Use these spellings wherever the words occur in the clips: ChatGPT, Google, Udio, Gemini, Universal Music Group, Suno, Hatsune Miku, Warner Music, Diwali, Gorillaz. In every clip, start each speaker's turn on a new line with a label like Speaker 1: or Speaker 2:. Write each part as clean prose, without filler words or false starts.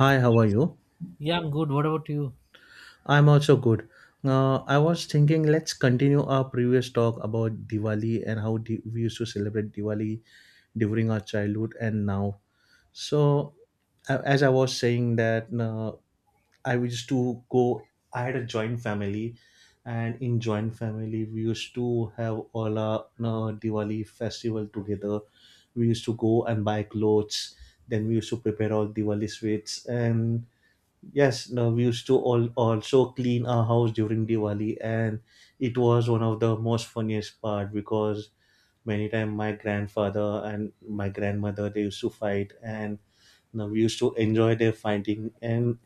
Speaker 1: Hi, how are you?
Speaker 2: Yeah, I'm good. What about you?
Speaker 1: I'm also good. I was thinking, let's continue our previous talk about Diwali and how we used to celebrate Diwali during our childhood and now. So, as I was saying that I used to go. I had a joint family, and in joint family, we used to have all our Diwali festival together. We used to go and buy clothes. Then we used to prepare all Diwali sweets and yes, no, we used to all also clean our house during Diwali, and it was one of the most funniest part because many time my grandfather and my grandmother they used to fight, and you know, we used to enjoy their fighting, and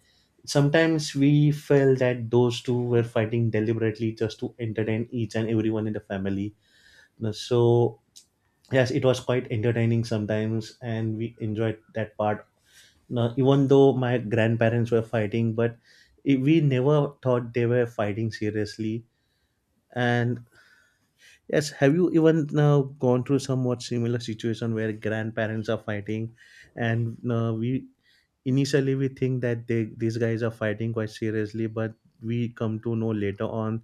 Speaker 1: sometimes we felt that those two were fighting deliberately just to entertain each and everyone in the family. You know, so yes, it was quite entertaining sometimes, and we enjoyed that part now, even though my grandparents were fighting, but we never thought they were fighting seriously. And yes, have you even now gone through somewhat similar situation where grandparents are fighting, and we initially we think that they these guys are fighting quite seriously, but we come to know later on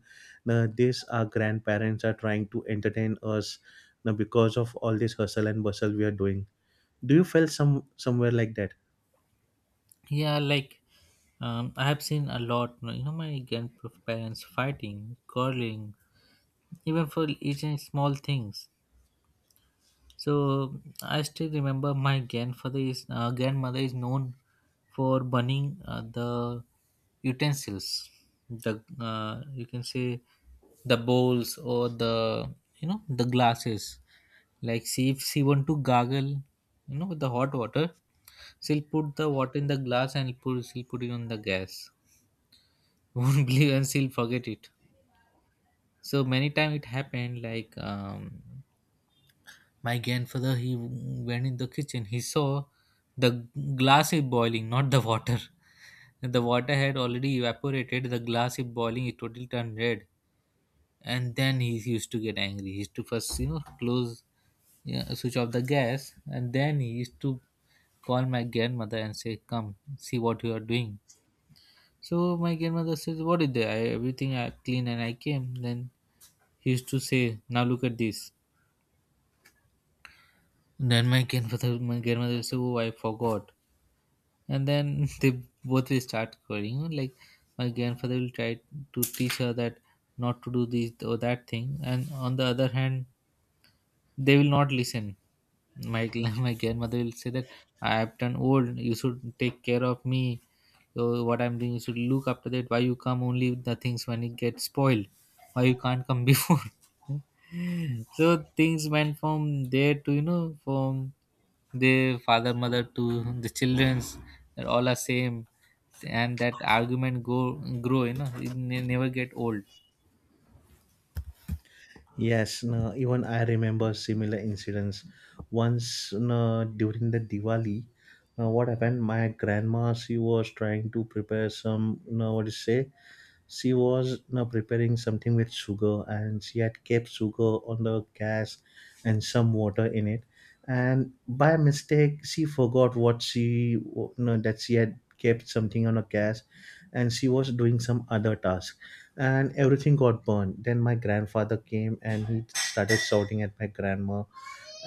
Speaker 1: this our grandparents are trying to entertain us because of all this hustle and bustle we are doing. Do you feel somewhere like that?
Speaker 2: Yeah, like I have seen a lot. You know, my grandparents fighting, quarreling, even for each and small things. So I still remember my grandfather is grandmother is known for burning the utensils, the you can say the bowls or the you know the glasses. Like, see, if she want to gargle, you know, with the hot water, she'll put the water in the glass and put she'll put it on the gas. Won't believe, and she'll forget it. So many times it happened like my grandfather, he went in the kitchen. He saw the glass is boiling, not the water. The water had already evaporated. The glass is boiling. It totally turned red. And then he used to get angry. He used to first, you know, close, yeah, switch off the gas, and then he used to call my grandmother and say, "Come, see what you are doing." So my grandmother says, "What is there? I, everything I clean and I came." Then he used to say, "Now look at this." Then my grandmother said, "Oh, I forgot." And then they both will start quarreling, like my grandfather will try to teach her that not to do this or that thing, and on the other hand they will not listen. My my grandmother will say that I have turned old, you should take care of me. So what I'm doing, you should look after that. Why you come only with the things when it gets spoiled? Why you can't come before? So things went from there to, you know, from their father mother to the childrens, that all are same. And that argument, go grow, you know, it never get old.
Speaker 1: Yes, no, even I remember similar incidents. Once no, during the Diwali, what happened? My grandma, she was trying to prepare some, no, what do you say? She was, you know, preparing something with sugar and she had kept sugar on the gas and some water in it, and by mistake she forgot what she, you know, that she had kept something on a gas and she was doing some other task, and everything got burned. Then my grandfather came and he started shouting at my grandma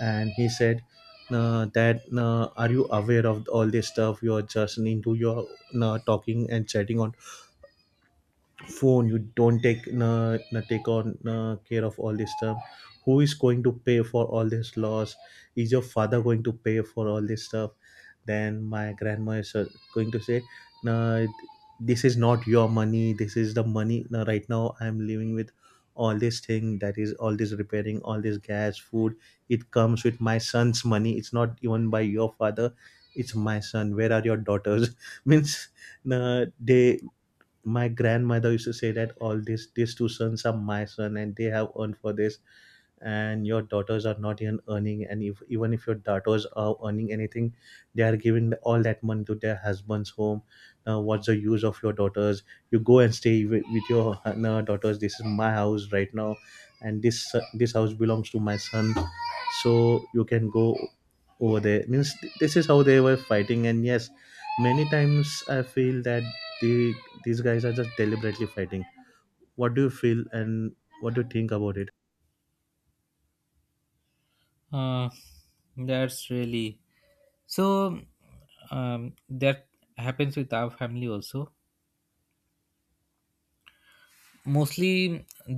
Speaker 1: and he said that are you aware of all this stuff? You're just into your talking and chatting on phone. You don't take na, na take on na, care of all this stuff. Who is going to pay for all this loss? Is your father going to pay for all this stuff? Then my grandma is going to say no, this is not your money, this is the money. No, right now I'm living with all this thing, that is all this repairing, all this gas, food, it comes with my son's money. It's not even by your father. It's my son. Where are your daughters? Means no, they, my grandmother used to say that all these two sons are my son and they have earned for this, and your daughters are not even earning, and if even if your daughters are earning anything, they are giving all that money to their husband's home. Now what's the use of your daughters? You go and stay with your no, daughters. This is my house right now, and this this house belongs to my son, so you can go over there. Means this is how they were fighting, and yes, many times I feel that the these guys are just deliberately fighting. What do you feel, and what do you think about it?
Speaker 2: uh, that's really, so that happens with our family also, mostly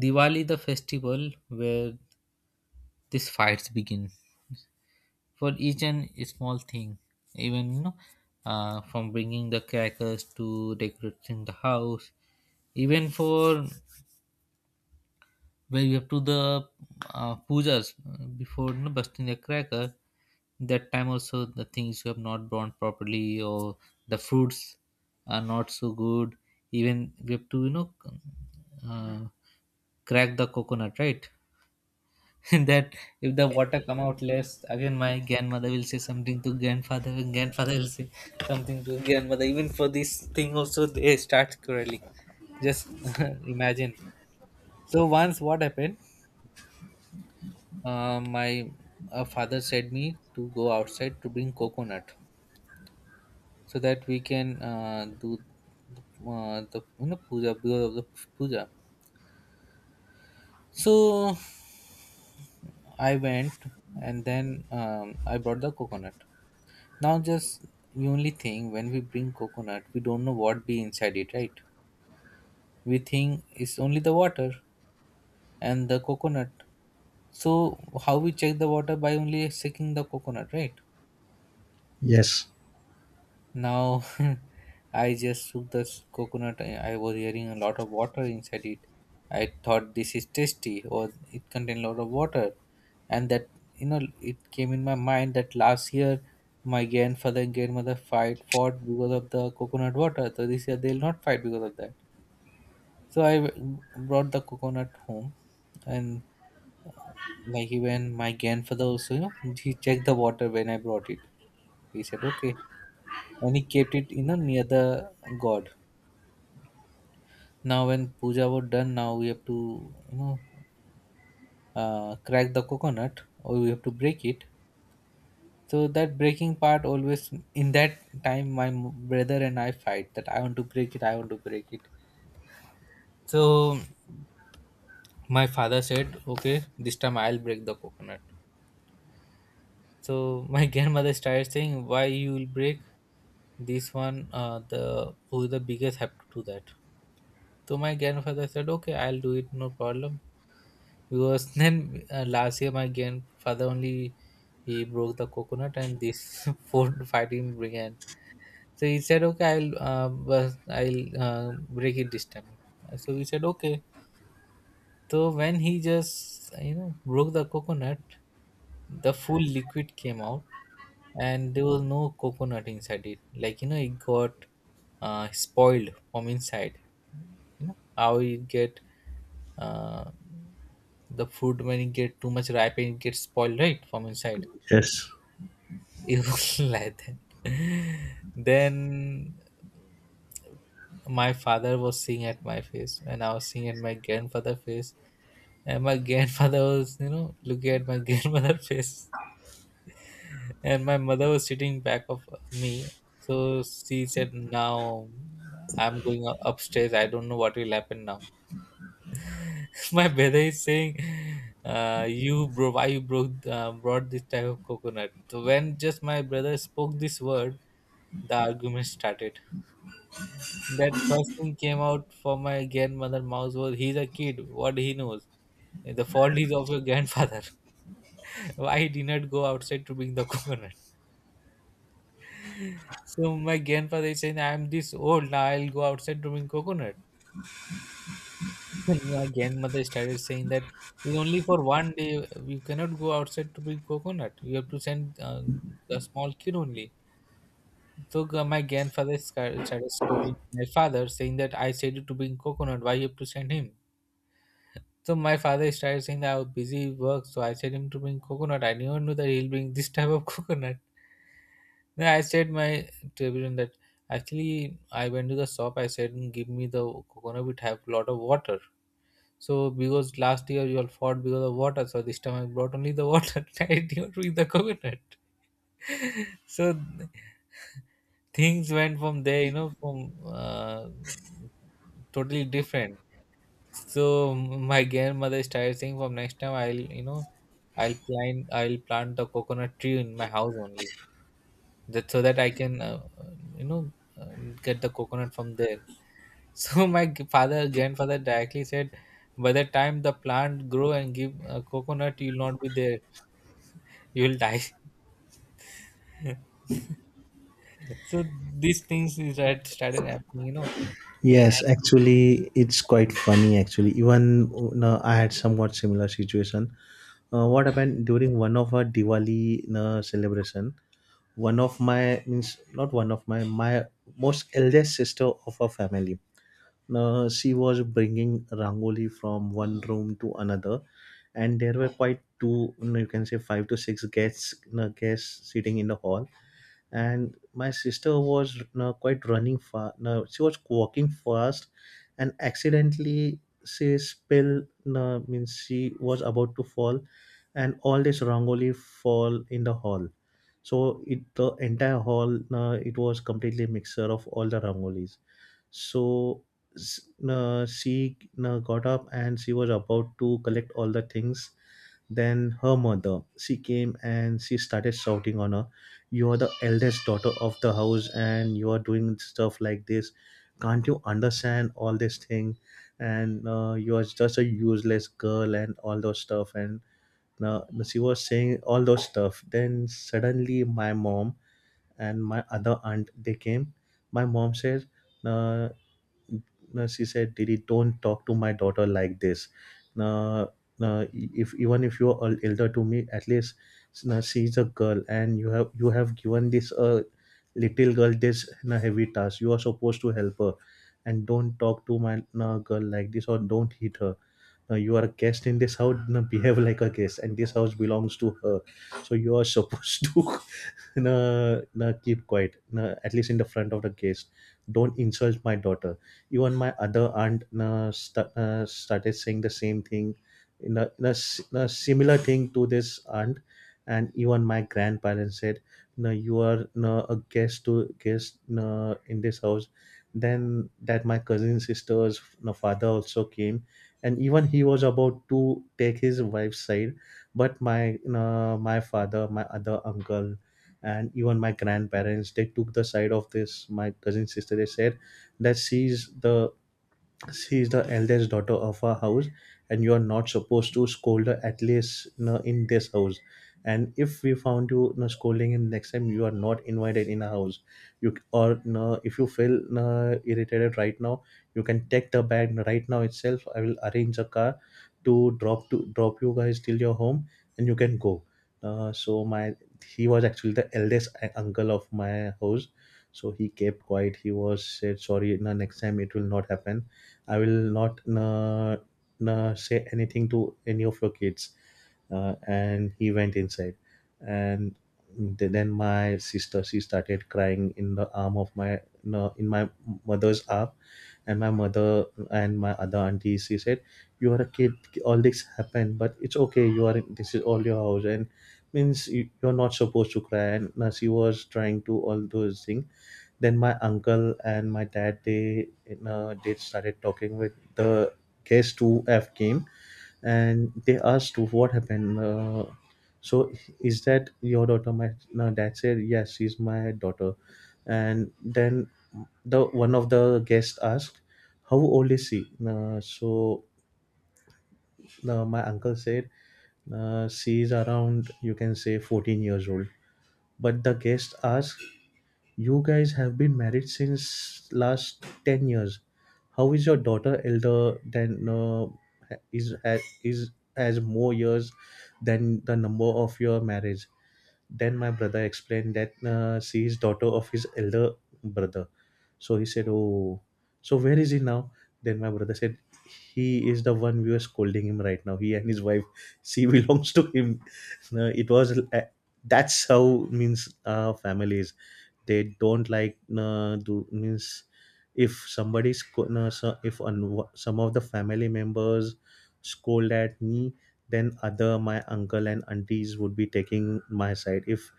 Speaker 2: Diwali, the festival where these fights begin for each and small thing. Even, you know, from bringing the crackers to decorating the house, even for where you have to the pujas before, you know, busting the cracker. That time also the things you have not drawn properly, or the fruits are not so good. Even we have to, you know, uh, crack the coconut, right? And that, if the water come out less, again my grandmother will say something to grandfather, and grandfather will say something to grandmother. Even for this thing also, they start quarreling. Just imagine. So once what happened, my father said me to go outside to bring coconut so that we can do the, the you know puja because of the puja. So I went, and then I brought the coconut. Now, just the only thing, when we bring coconut, we don't know what be inside it, right? We think it's only the water and the coconut. So how we check the water, by only checking the coconut, right?
Speaker 1: Yes.
Speaker 2: Now, I just took the coconut. I was hearing a lot of water inside it. I thought, this is tasty, or it contained a lot of water. And that, you know, it came in my mind that last year my grandfather and grandmother fight fought because of the coconut water. So this year they'll not fight because of that. So I brought the coconut home, and uh, like, even my grandfather also, you know, he checked the water when I brought it. He said, okay, and he kept it, you know, near the god. Now when puja was done, now we have to, you know, crack the coconut, or we have to break it. So that breaking part, always in that time my brother and I fight, that I want to break it, I want to break it. So my father said, okay, this time I'll break the coconut. So my grandmother started saying, why you will break this one? The, who is the biggest have to do that. So my grandfather said, okay, I'll do it, no problem, because then last year my grandfather only, he broke the coconut, and this food fighting began. So he said, okay, I'll break it this time. So we said, okay. So when he just, you know, broke the coconut, the full liquid came out, and there was no coconut inside it, like, you know, it got spoiled from inside. You know how it get, uh, the fruit when it get too much ripe, and it gets spoiled right from inside.
Speaker 1: Yes.
Speaker 2: It was like that. Then my father was seeing at my face, and I was seeing at my grandfather face, and my grandfather was, you know, looking at my grandmother face, and my mother was sitting back of me, so she said, now I'm going upstairs, I don't know what will happen now. My brother is saying, you, bro, why you broke brought this type of coconut? So when just my brother spoke this word, the argument started. That first thing came out for my grandmother mouth was, he's a kid, what he knows? The fault is of your grandfather. Why he did not go outside to bring the coconut? So my grandfather is saying, I'm this old, now I'll go outside to bring coconut. And my grandmother started saying that, "It's only for one day you cannot go outside to bring coconut. You have to send a small kid only." So my grandfather started scolding my father, saying that I said you to bring coconut, why you have to send him? So my father started saying that I was busy with work, so I said him to bring coconut. I never knew that he'll bring this type of coconut. Then I said my, to everyone, that actually I went to the shop. I said, "Mm, give me the coconut. It have lot of water. So because last year you all fought because of water, so this time I brought only the water. I didn't with the coconut." So things went from there, you know, from totally different. So my grandmother started saying, from next time I'll, you know, I'll plant the coconut tree in my house only, that, so that I can, you know, get the coconut from there. So my g- father grandfather directly said, by the time the plant grow and give coconut, you'll not be there. You'll die. So these things is that started happening, you know. Yeah,
Speaker 1: Yes, actually, it's quite funny. Actually, even no, I had somewhat similar situation. What happened during one of our Diwali celebration? One of my means not one of my my most eldest sister of our family. She was bringing rangoli from one room to another, and there were quite two, you know, you can say five to six guests, you know, guests sitting in the hall, and my sister was, you know, quite running fast. No, she was walking fast, and accidentally she spilled. No, means she was about to fall, and all this rangoli fall in the hall. So it the entire hall. No, it was completely mixture of all the rangolis. So she got up and she was about to collect all the things. Then her mother, she came and she started shouting on her, "You are the eldest daughter of the house, and you are doing stuff like this. Can't you understand all this thing? And you are just a useless girl, and all those stuff." And she was saying all those stuff. Then suddenly, my mom and my other aunt they came. My mom said, uh, no, she said, Didi, don't talk to my daughter like this. No, no, if even if you're elder to me, at least no, she's a girl, and you have given this little girl this no, heavy task. You are supposed to help her, and don't talk to my no, girl like this, or don't hit her. No, you are a guest in this house. No, behave like a guest, and this house belongs to her, so you are supposed to no, no, keep quiet. No, at least in the front of the guest. Don't insult my daughter. Even my other aunt started saying the same thing in a, in, a, in a similar thing to this aunt, and even my grandparents said no, you are no a guest to guest no in this house. Then that my cousin sister's no father also came, and even he was about to take his wife's side, but my no my father, my other uncle, and even my grandparents they took the side of this my cousin sister. They said that sees the she is the eldest daughter of our house, and you are not supposed to scold her at least, you know, in this house, and if we found you, you know, scolding him next time, you are not invited in our house. You or, you know, if you feel, you know, irritated right now, you can take the bag right now itself. I will arrange a car to drop you guys till your home, and you can go. So my he was actually the eldest uncle of my house, so he kept quiet. He was said sorry, no, next time it will not happen. I will not say anything to any of your kids. And he went inside. And then my sister, she started crying in the arm of my, no, in my mother's arm. And my mother and my other auntie, she said, you are a kid, all this happened, but it's okay. You are, in, this is all your house. And means you're not supposed to cry. And she was trying to all those things. Then my uncle and my dad they started talking with the guest who have came, and they asked what happened. So is that your daughter? My no, dad said yes, she's my daughter. And then the one of the guests asked, "How old is she?" My uncle said, "She is around you can say 14 years old." But the guest asked, you guys have been married since last 10 years. How is your daughter elder than is ha- is has more years than the number of your marriage? Then my brother explained that she is daughter of his elder brother. So he said, "Oh, so where is he now?" Then my brother said, "He is the one we are scolding him right now. He and his wife, she belongs to him." It was that's how means family is, they don't like do means, if somebody's co- no, so if some of the family members scold at me, then other my uncle and aunties would be taking my side. If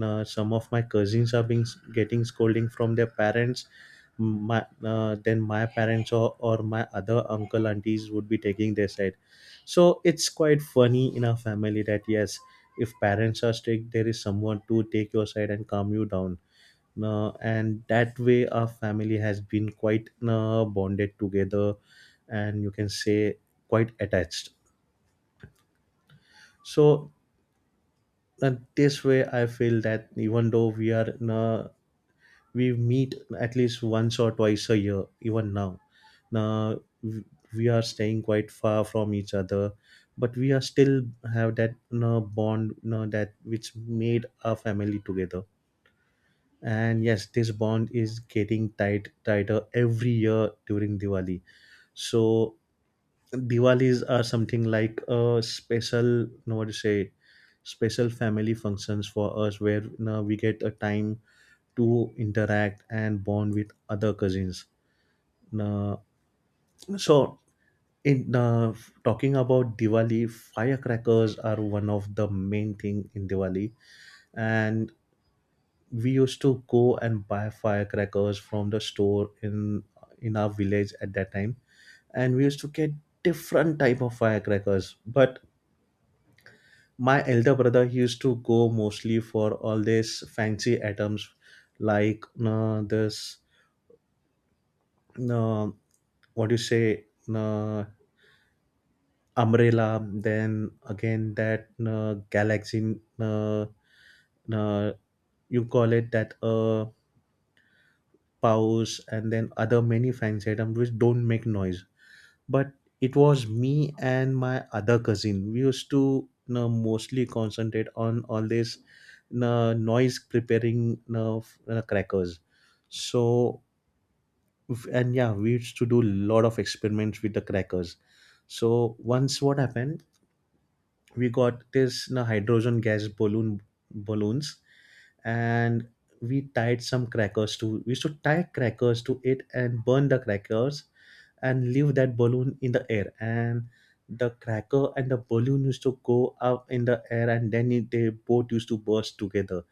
Speaker 1: some of my cousins are being getting scolding from their parents, my then my parents or my other uncle aunties would be taking their side. So it's quite funny in our family that, yes, if parents are strict, there is someone to take your side and calm you down. And that way our family has been quite bonded together, and you can say quite attached. So this way I feel that, even though we are we meet at least once or twice a year. Even now, w- we are staying quite far from each other, but we are still have that you bond, you know, that which made our family together. And yes, this bond is getting tighter every year during Diwali. So Diwalis are something like a special, you know, what to say, special family functions for us where, you know, we get a time to interact and bond with other cousins. Now, so in talking about Diwali, firecrackers are one of the main thing in Diwali. And we used to go and buy firecrackers from the store in our village at that time, and we used to get different type of firecrackers. But my elder brother, he used to go mostly for all these fancy items like this uh, what do you say, uh, umbrella, then again that galaxy, uh, you call it that Paus, and then other many fancy items which don't make noise. But it was me and my other cousin. We used to, you know, mostly concentrate on all this, you know, noise preparing, crackers. So and yeah, we used to do a lot of experiments with the crackers. So once what happened, we got this, you know, hydrogen gas balloons, and we tied some crackers to we used to tie crackers to it and burn the crackers and leave that balloon in the air. And the cracker and the balloon used to go up in the air, and then they both used to burst together,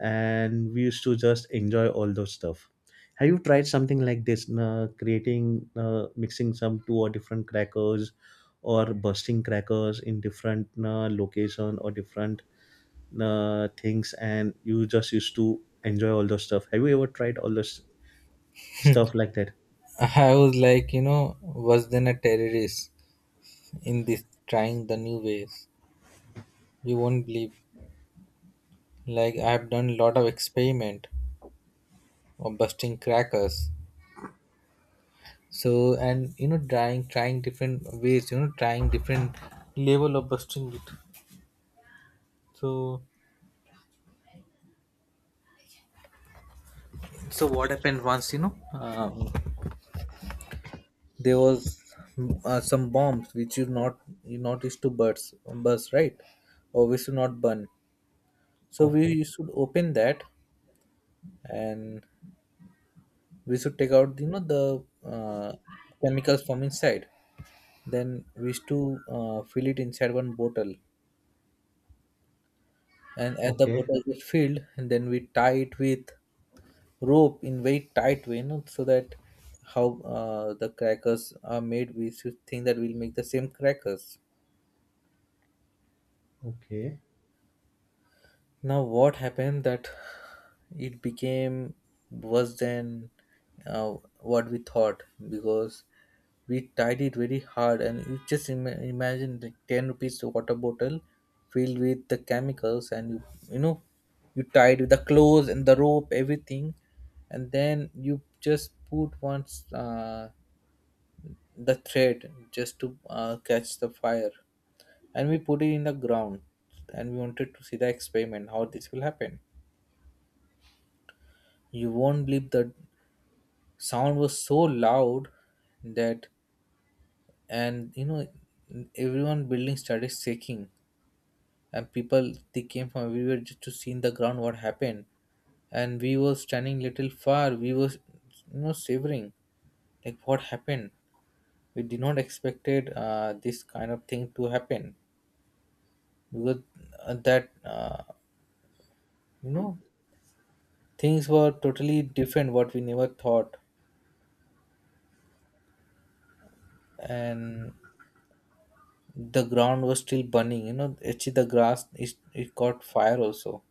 Speaker 1: and we used to just enjoy all those stuff. Have you tried something like this, creating, mixing some two or different crackers, or bursting crackers in different location or different things, and you just used to enjoy all those stuff? Have you ever tried all those stuff like that?
Speaker 2: and I was like, you know, worse than a terrorist in this, trying the new ways. You won't believe. Like, I have done a lot of experiment of busting crackers. So, and, you know, trying different ways, you know, trying different level of busting it. So, so what happened once, you know, there was some bombs which you not used to burst, right, or we should not burn. So we
Speaker 1: Okay.
Speaker 2: used to open that, and we should take out, you know, the chemicals from inside. Then we used to fill it inside one bottle. And as the
Speaker 1: Okay.
Speaker 2: bottle is filled, and then we tie it with rope in very tight way, you know, so that how the crackers are made, we should think that we'll make the same crackers.
Speaker 1: Okay.
Speaker 2: Now, what happened that it became worse than what we thought, because we tied it very hard. And you just imagine the 10 rupees water bottle filled with the chemicals, and you know, you tied with the clothes and the rope, everything, and then you just put one uh, the thread just to catch the fire, and we put it in the ground. And we wanted to see the experiment, how this will happen. You won't believe, the sound was so loud that, and, you know, everyone building started shaking. And people, they came from everywhere just to see in the ground what happened. And we were standing little far, we were, you know, shivering, like, what happened? We did not expected this kind of thing to happen, because that you know, things were totally different what we never thought. And the ground was still burning, you know. Actually, the grass is, it got fire also.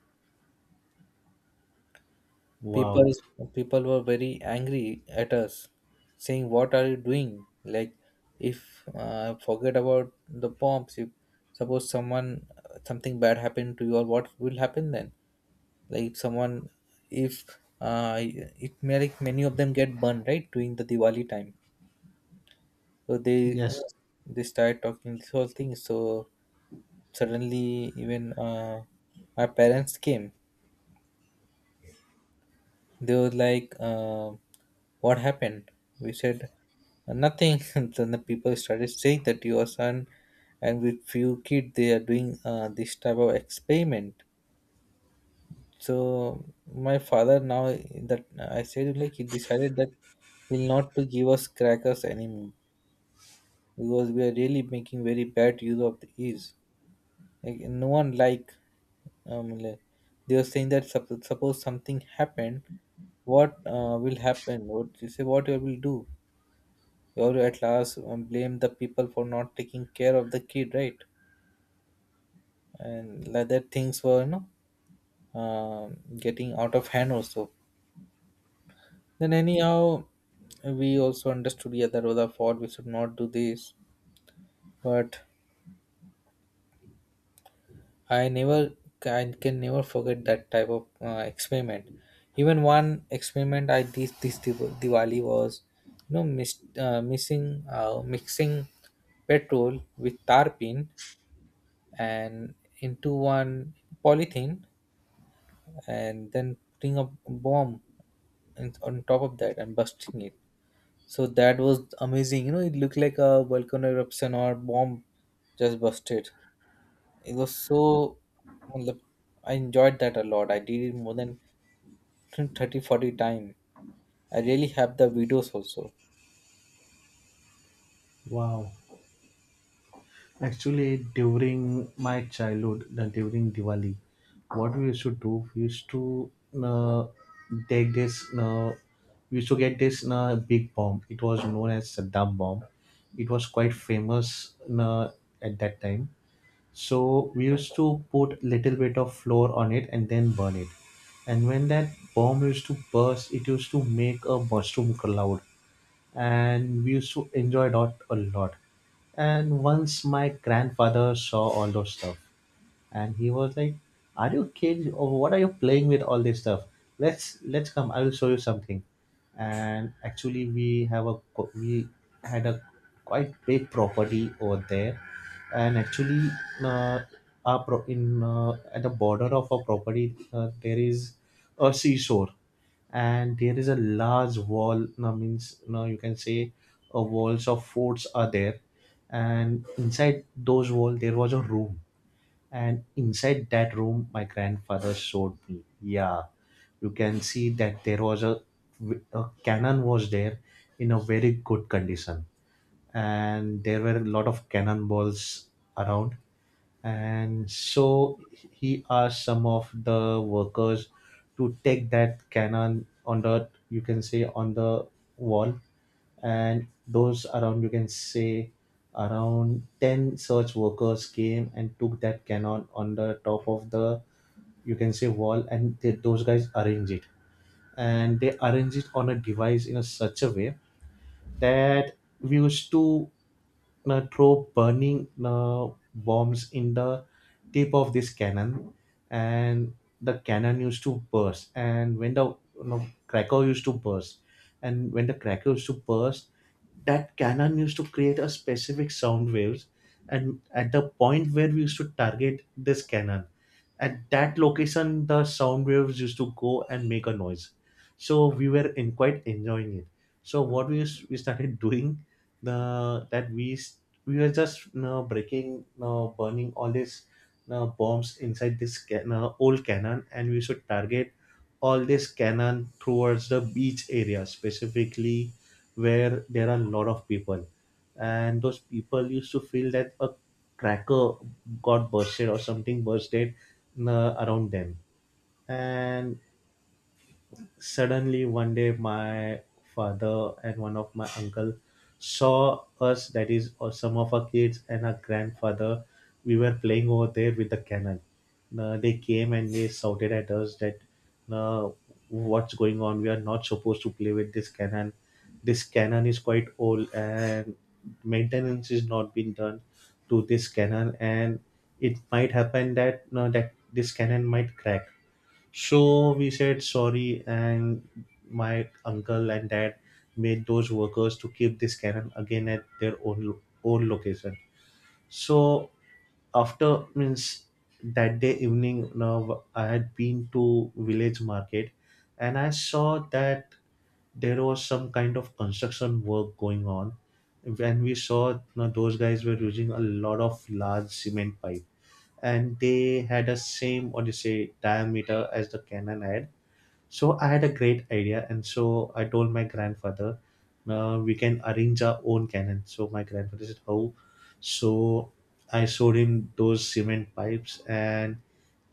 Speaker 2: People
Speaker 1: Wow.
Speaker 2: is, people were very angry at us, saying, what are you doing? Like, if forget about the bombs, if suppose someone, something bad happened to you, or what will happen then? Like, someone, if it may, like many of them get burned right during the Diwali time. So they, you
Speaker 1: Yes.
Speaker 2: know, they start talking this whole thing. So suddenly, even my parents came. They were like, what happened? We said nothing. And then the people started saying that your son, and with few kids, they are doing this type of experiment. So my father, now that I said, like, he decided that he'll not to give us crackers anymore, because we are really making very bad use of these. Like, no one, like, they were saying that, suppose something happened, what will happen? What you say? What you will do? You have at last, blame the people for not taking care of the kid, right? And like that, things were, you know, getting out of hand also. Then, anyhow, we also understood, yeah, that was our fault, we should not do this. But I never can can never forget that type of experiment. Even one experiment I did this Diwali was, you know, mis- missing mixing petrol with tarpaulin and into one polythene, and then putting a bomb in, on top of that, and busting it. So that was amazing. You know, it looked like a volcano eruption or bomb just busted. It was so, matlab, I enjoyed that a lot. I did it more than 30, 40 times. I really have the videos also.
Speaker 1: Wow. Actually, during my childhood, during Diwali, what we used to do, we used to uh, take this, we used to get this big bomb. It was known as Saddam bomb. It was quite famous uh, at that time. So we used to put little bit of flour on it and then burn it. And when that bomb used to burst, it used to make a mushroom cloud, and we used to enjoy that a lot. And once my grandfather saw all those stuff, and he was like, are you kids, or what are you playing with all this stuff? Let's come, I will show you something. And actually, we have a we had a quite big property over there. And actually, uh, our pro- in at the border of our property, there is a seashore, and there is a large wall. Now means, now you can say, walls of forts are there. And inside those walls there was a room, and inside that room my grandfather showed me. Yeah, you can see that there was a cannon was there in a very good condition, and there were a lot of cannonballs around. And so he asked some of the workers to take that cannon on the, you can say, on the wall. And those around, you can say, around 10 search workers came and took that cannon on the top of the, you can say, wall. And those guys arrange it, and they arrange it on a device in a such a way that we used to throw burning bombs in the tip of this cannon. And the cannon used to burst, and when the, you know, cracker used to burst, that cannon used to create a specific sound waves. And at the point where we used to target this cannon, at that location the sound waves used to go and make a noise. So we were in quite enjoying it. So we started doing the that we s- we were just now breaking, now burning all these, now bombs inside this ca- you old cannon. And we should target all this cannon towards the beach area specifically, where there are a lot of people. And those people used to feel that a cracker got bursted or something bursted, you, around them. And suddenly one day my father and one of my uncle saw us, that is or some of our kids and our grandfather, we were playing over there with the cannon. They came and they shouted at us that, uh, what's going on, we are not supposed to play with this cannon, this cannon is quite old and maintenance is not been done to this cannon, and it might happen that, no, that this cannon might crack. So we said sorry, and my uncle and dad made those workers to keep this cannon again at their own own location. So after means that day evening, now I had been to village market, and I saw that there was some kind of construction work going on. When we saw, now those guys were using a lot of large cement pipe, and they had a same, what do you say, diameter as the cannon had. So I had a great idea, and so I told my grandfather, "We can arrange our own cannon." So my grandfather said, "How?" So I showed him those cement pipes, and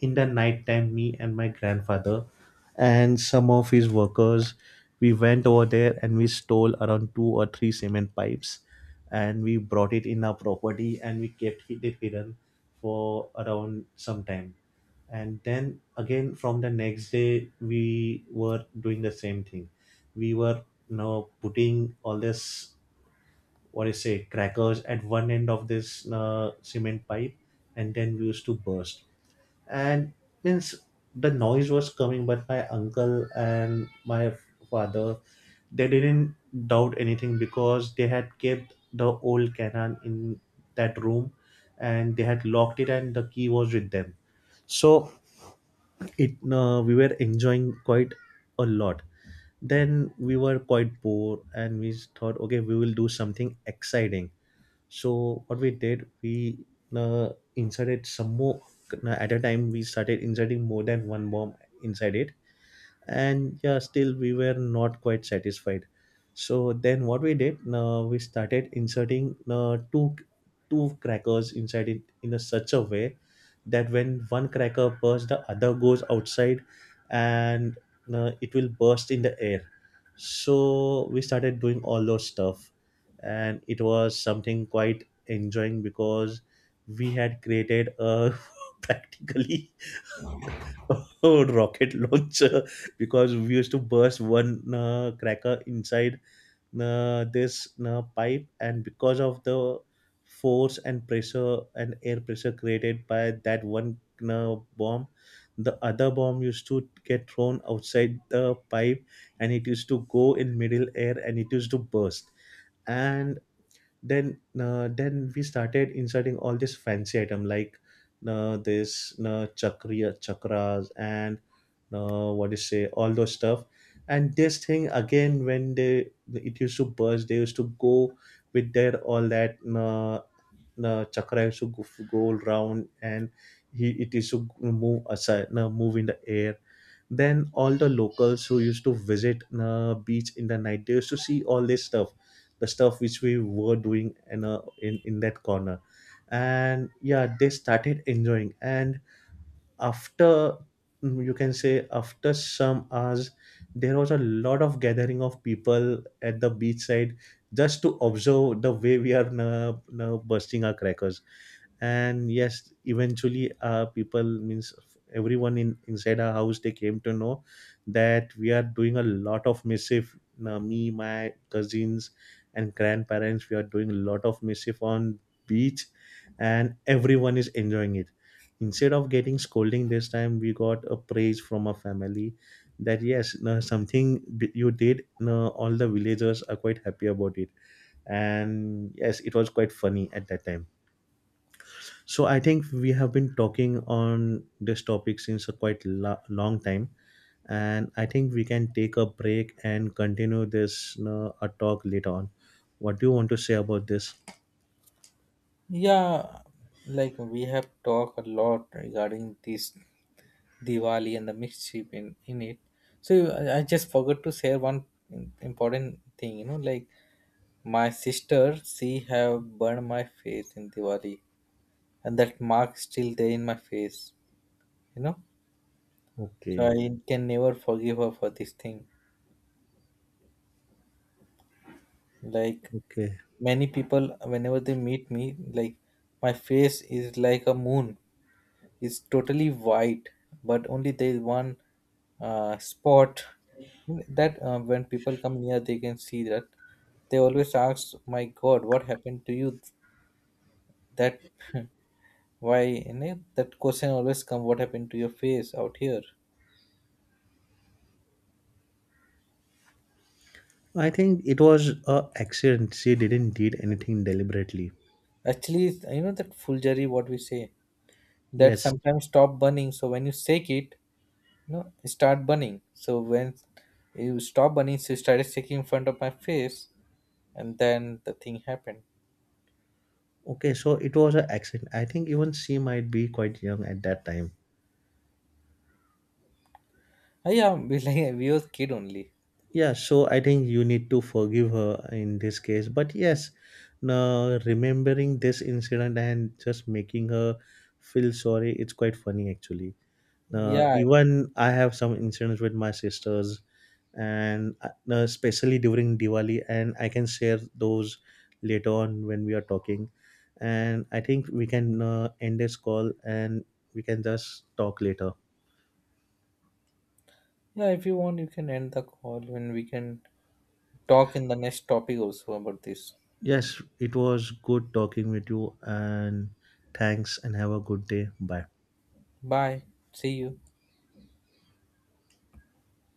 Speaker 1: in the night time, me and my grandfather and some of his workers, we went over there and we stole around two or three cement pipes, and we brought it in our property and we kept it hidden for around some time. And then again from the next day we were doing the same thing. We were, you know, putting all this, what do you say, crackers at one end of this cement pipe, and then we used to burst. And means, the noise was coming, but my uncle and my father, they didn't doubt anything, because they had kept the old cannon in that room, and they had locked it, and the key was with them. So it, we were enjoying quite a lot. Then we were quite bored, and we thought, okay, we will do something exciting. So what we did, we uh, inserted some more, at a time we started inserting more than one bomb inside it. And yeah, still we were not quite satisfied. So then what we did, we started inserting two crackers inside it in a such a way that when one cracker bursts, the other goes outside and it will burst in the air. So we started doing all those stuff. And it was something quite enjoying, because we had created a practically rocket launcher, because we used to burst one cracker inside this pipe, and because of the force and pressure and air pressure created by that one bomb, the other bomb used to get thrown outside the pipe, and it used to go in middle air, and it used to burst. And then we started inserting all this fancy item like this chakriya chakras, and what do you say, all those stuff. And this thing again when they it used to burst, they used to go with their all that chakra used to go round. And he it used to move aside, move in the air. Then all the locals who used to visit beach in the night, they used to see all this stuff, the stuff which we were doing in in that corner. And yeah, they started enjoying. And after, mm, you can say, after some hours, there was a lot of gathering of people at the beach side, just to observe the way we are now bursting our crackers. And yes, eventually people means, everyone in inside our house, they came to know that we are doing a lot of mischief. Me, my cousins and grandparents, we are doing a lot of mischief on beach, and everyone is enjoying it. Instead of getting scolding, this time we got a praise from our family, that, yes, no, something you did, no, all the villagers are quite happy about it. And yes, it was quite funny at that time. So I think we have been talking on this topic since a quite long time, and I think we can take a break and continue this, you know, a talk later on. What do you want to say about this?
Speaker 2: Yeah, like, we have talked a lot regarding this Diwali and the mischief in it. So I just forgot to share one important thing, you know, like, my sister, she have burned my face in Diwali, and that mark still there in my face, you know, so
Speaker 1: Okay,
Speaker 2: I can never forgive her for this thing. Like,
Speaker 1: okay.
Speaker 2: many people, whenever they meet me, like, my face is like a moon, it's totally white, but only there is one spot, that when people come near they can see that. They always ask, my god, what happened to you? That, why, you know, that question always come, what happened to your face out here?
Speaker 1: I think it was a accident. She didn't did anything deliberately.
Speaker 2: Actually, it's, you know, that fulgari, what we say, that
Speaker 1: Yes.
Speaker 2: sometimes stop burning. So when you shake it, you know, it start burning. So when you stop burning, so you started shaking in front of my face, and then the thing happened.
Speaker 1: Okay, so it was an accident. I think even she might be quite young at that time.
Speaker 2: Ah, yeah, we, like, we was kid only.
Speaker 1: Yeah, so I think you need to forgive her in this case. But yes, now remembering this incident and just making her feel sorry, it's quite funny actually. Now,
Speaker 2: Yeah,
Speaker 1: even I have some incidents with my sisters, and now especially during Diwali, and I can share those later on when we are talking. And I think we can end this call, and we can just talk later.
Speaker 2: yeah. If you want, you can end the call, and we can talk in the next topic also about this.
Speaker 1: Yes, it was good talking with you, and thanks, and have a good day. Bye.
Speaker 2: Bye. See you.